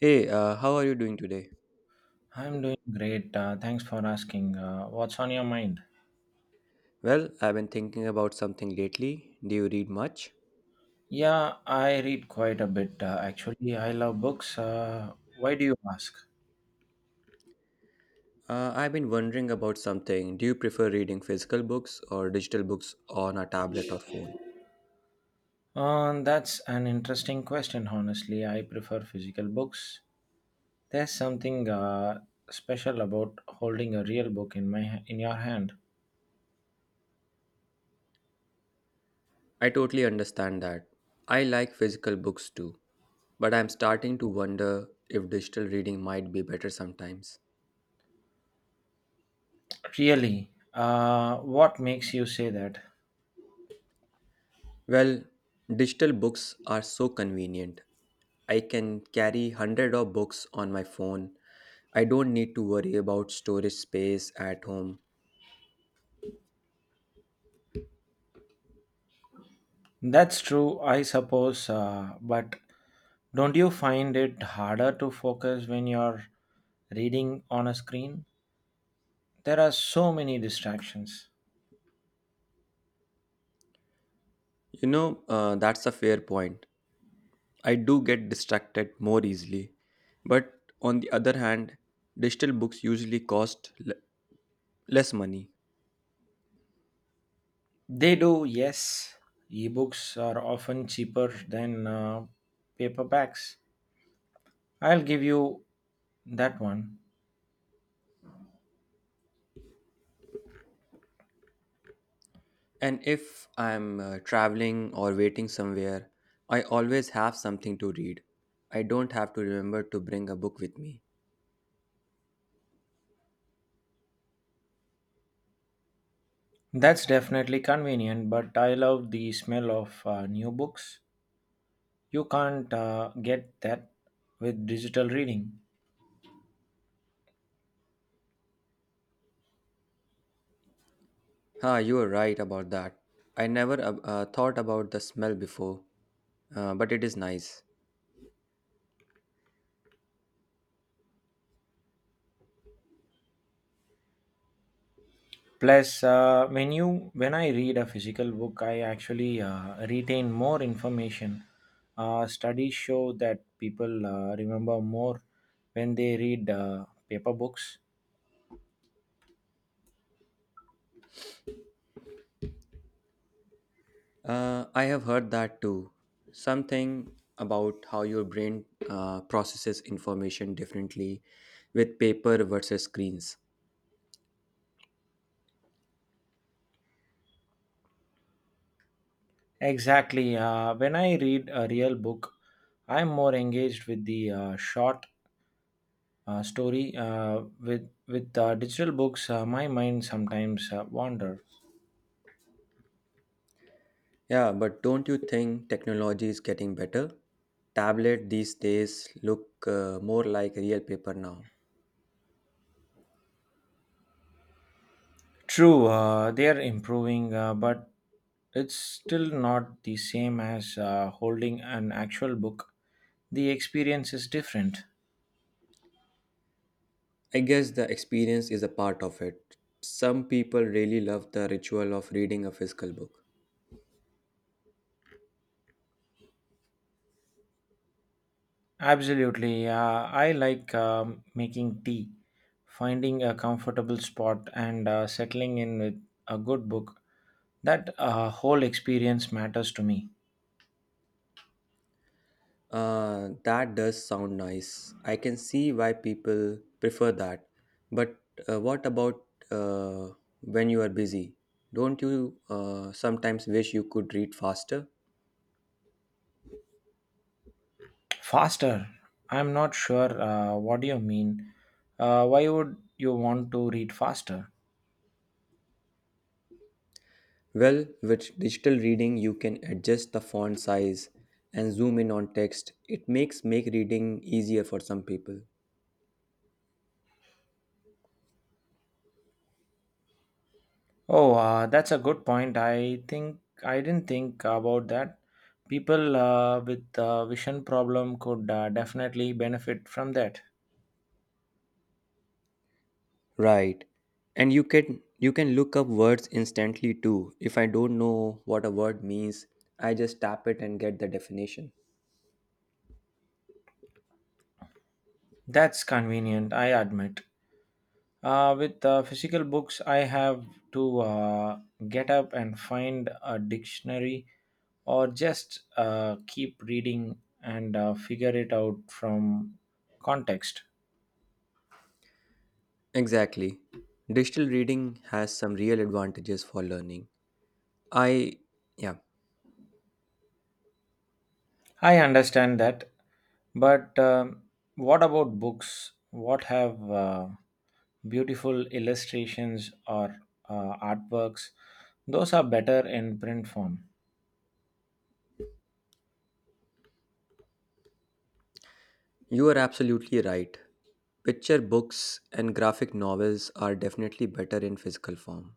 Hey, how are you doing today? I'm doing great. Thanks for asking. What's on your mind? Well, I've been thinking about something lately. Do you read much? Yeah, I read quite a bit. Actually, I love books. Why do you ask? I've been wondering about something. Do you prefer reading physical books or digital books on a tablet or phone? That's an interesting question, honestly. I prefer physical books. There's something special about holding a real book in my in your hand. I totally understand that. I like physical books too, but I'm starting to wonder if digital reading might be better sometimes. Really? What makes you say that? Well, digital books are so convenient. I can carry 100 of books on my phone. I don't need to worry about storage space at home. That's true, I suppose, but don't you find it harder to focus when you're reading on a screen? There are so many distractions. That's a fair point. I do get distracted more easily. But on the other hand, digital books usually cost less money. They do, yes. Ebooks are often cheaper than paperbacks. I'll give you that one. And if I'm traveling or waiting somewhere, I always have something to read. I don't have to remember to bring a book with me. That's definitely convenient, but I love the smell of new books. You can't get that with digital reading. Ah, you are right about that. I never thought about the smell before, but it is nice. Plus, when I read a physical book, I actually retain more information. Studies show that people remember more when they read paper books. I have heard that too. Something about how your brain processes information differently with paper versus screens. Exactly. When I read a real book, I'm more engaged with the short story. With digital books, my mind sometimes wander. Yeah, but don't you think technology is getting better? Tablet these days look more like real paper now. True, they are improving, but it's still not the same as holding an actual book. The experience is different. I guess the experience is a part of it. Some people really love the ritual of reading a physical book. Absolutely. I like making tea, finding a comfortable spot, and settling in with a good book. That whole experience matters to me. That does sound nice. I can see why people prefer that. But what about uh, when you are busy? Don't you sometimes wish you could read faster? Faster. I'm not sure what do you mean. Why would you want to read faster? Well, with digital reading, you can adjust the font size and zoom in on text. It makes make reading easier for some people. Oh, that's a good point. I didn't think about that. People with vision problem could definitely benefit from that. Right. And you can look up words instantly too. If I don't know what a word means, I just tap it and get the definition. That's convenient, I admit. With physical books, I have to get up and find a dictionary or just keep reading and figure it out from context. Exactly. Digital reading has some real advantages for learning. I, yeah, I understand that, but what about books? What have beautiful illustrations or artworks? Those are better in print form. you are absolutely right. Picture books and graphic novels are definitely better in physical form.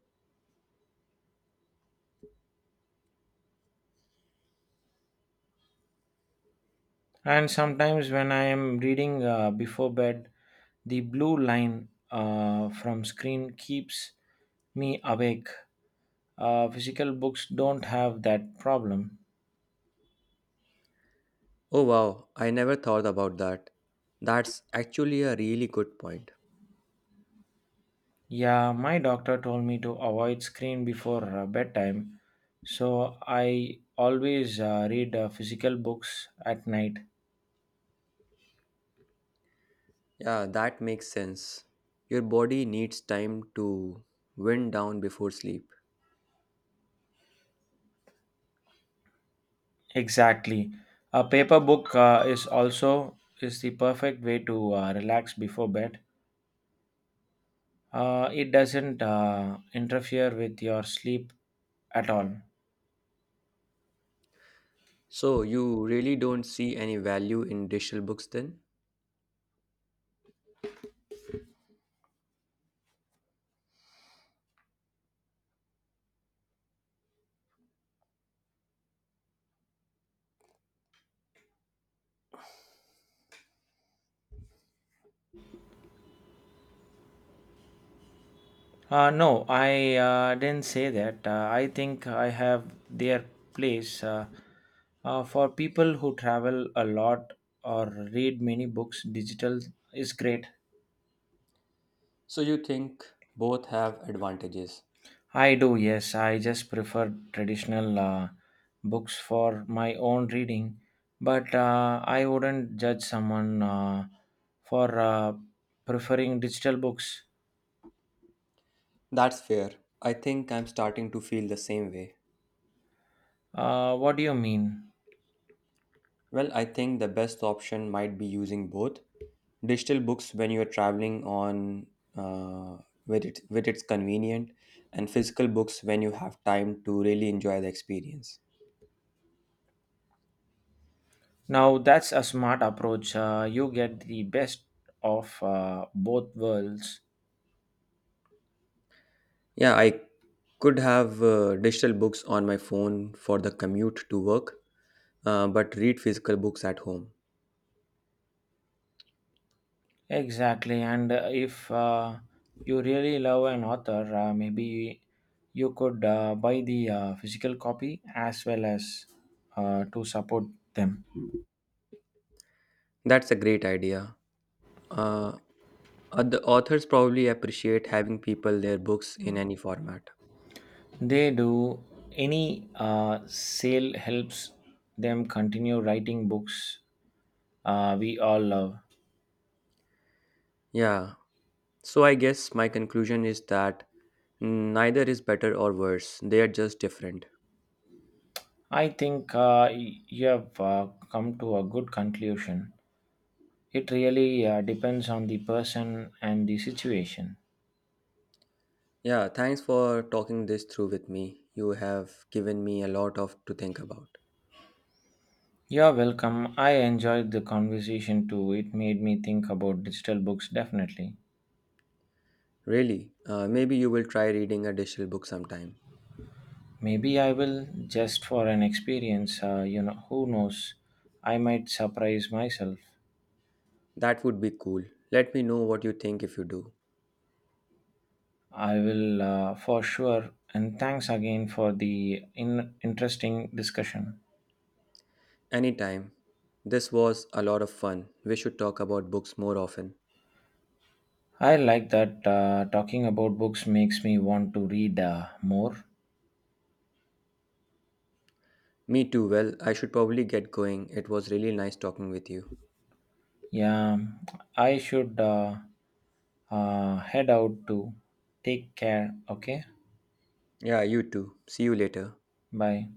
And sometimes when I am reading before bed, the blue line from screen keeps me awake. Physical books don't have that problem. Oh wow, I never thought about that. That's actually a really good point. Yeah, my doctor told me to avoid screen before bedtime, so I always read physical books at night. Yeah, that makes sense. Your body needs time to wind down before sleep. Exactly. A paper book is the perfect way to relax before bed. It doesn't interfere with your sleep at all. So, you really don't see any value in digital books then? No, I didn't say that. I think I have their place. For people who travel a lot or read many books, digital is great. So, you think both have advantages? I do, yes. I just prefer traditional books for my own reading, but I wouldn't judge someone for preferring digital books. That's fair. I think I'm starting to feel the same way. What do you mean? Well, I think the best option might be using both digital books when you're traveling on uh, where, it, with it's convenient and physical books when you have time to really enjoy the experience. Now, that's a smart approach. You get the best of both worlds. Yeah, I could have digital books on my phone for the commute to work, but read physical books at home. Exactly, and if you really love an author, maybe you could buy the physical copy as well as to support them. That's a great idea. Uh, the authors probably appreciate having people their books in any format. They do, any sale helps them continue writing books we all love. Yeah, so I guess my conclusion is that neither is better or worse, they are just different. I think you have come to a good conclusion. It really depends on the person and the situation. Yeah, thanks for talking this through with me. You have given me a lot of to think about. You're welcome. I enjoyed the conversation too. It made me think about digital books definitely. Really, maybe you will try reading a digital book sometime. Maybe I will just for an experience. You know, who knows? I might surprise myself. That would be cool. Let me know what you think if you do. I will for sure. And thanks again for the interesting discussion. Anytime. This was a lot of fun. We should talk about books more often. I like that talking about books makes me want to read more. Me too. Well, I should probably get going. It was really nice talking with you. Yeah, I should head out to take care. Okay, Yeah, you too. See you later. bye.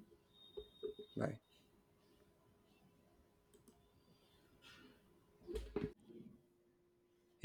Bye.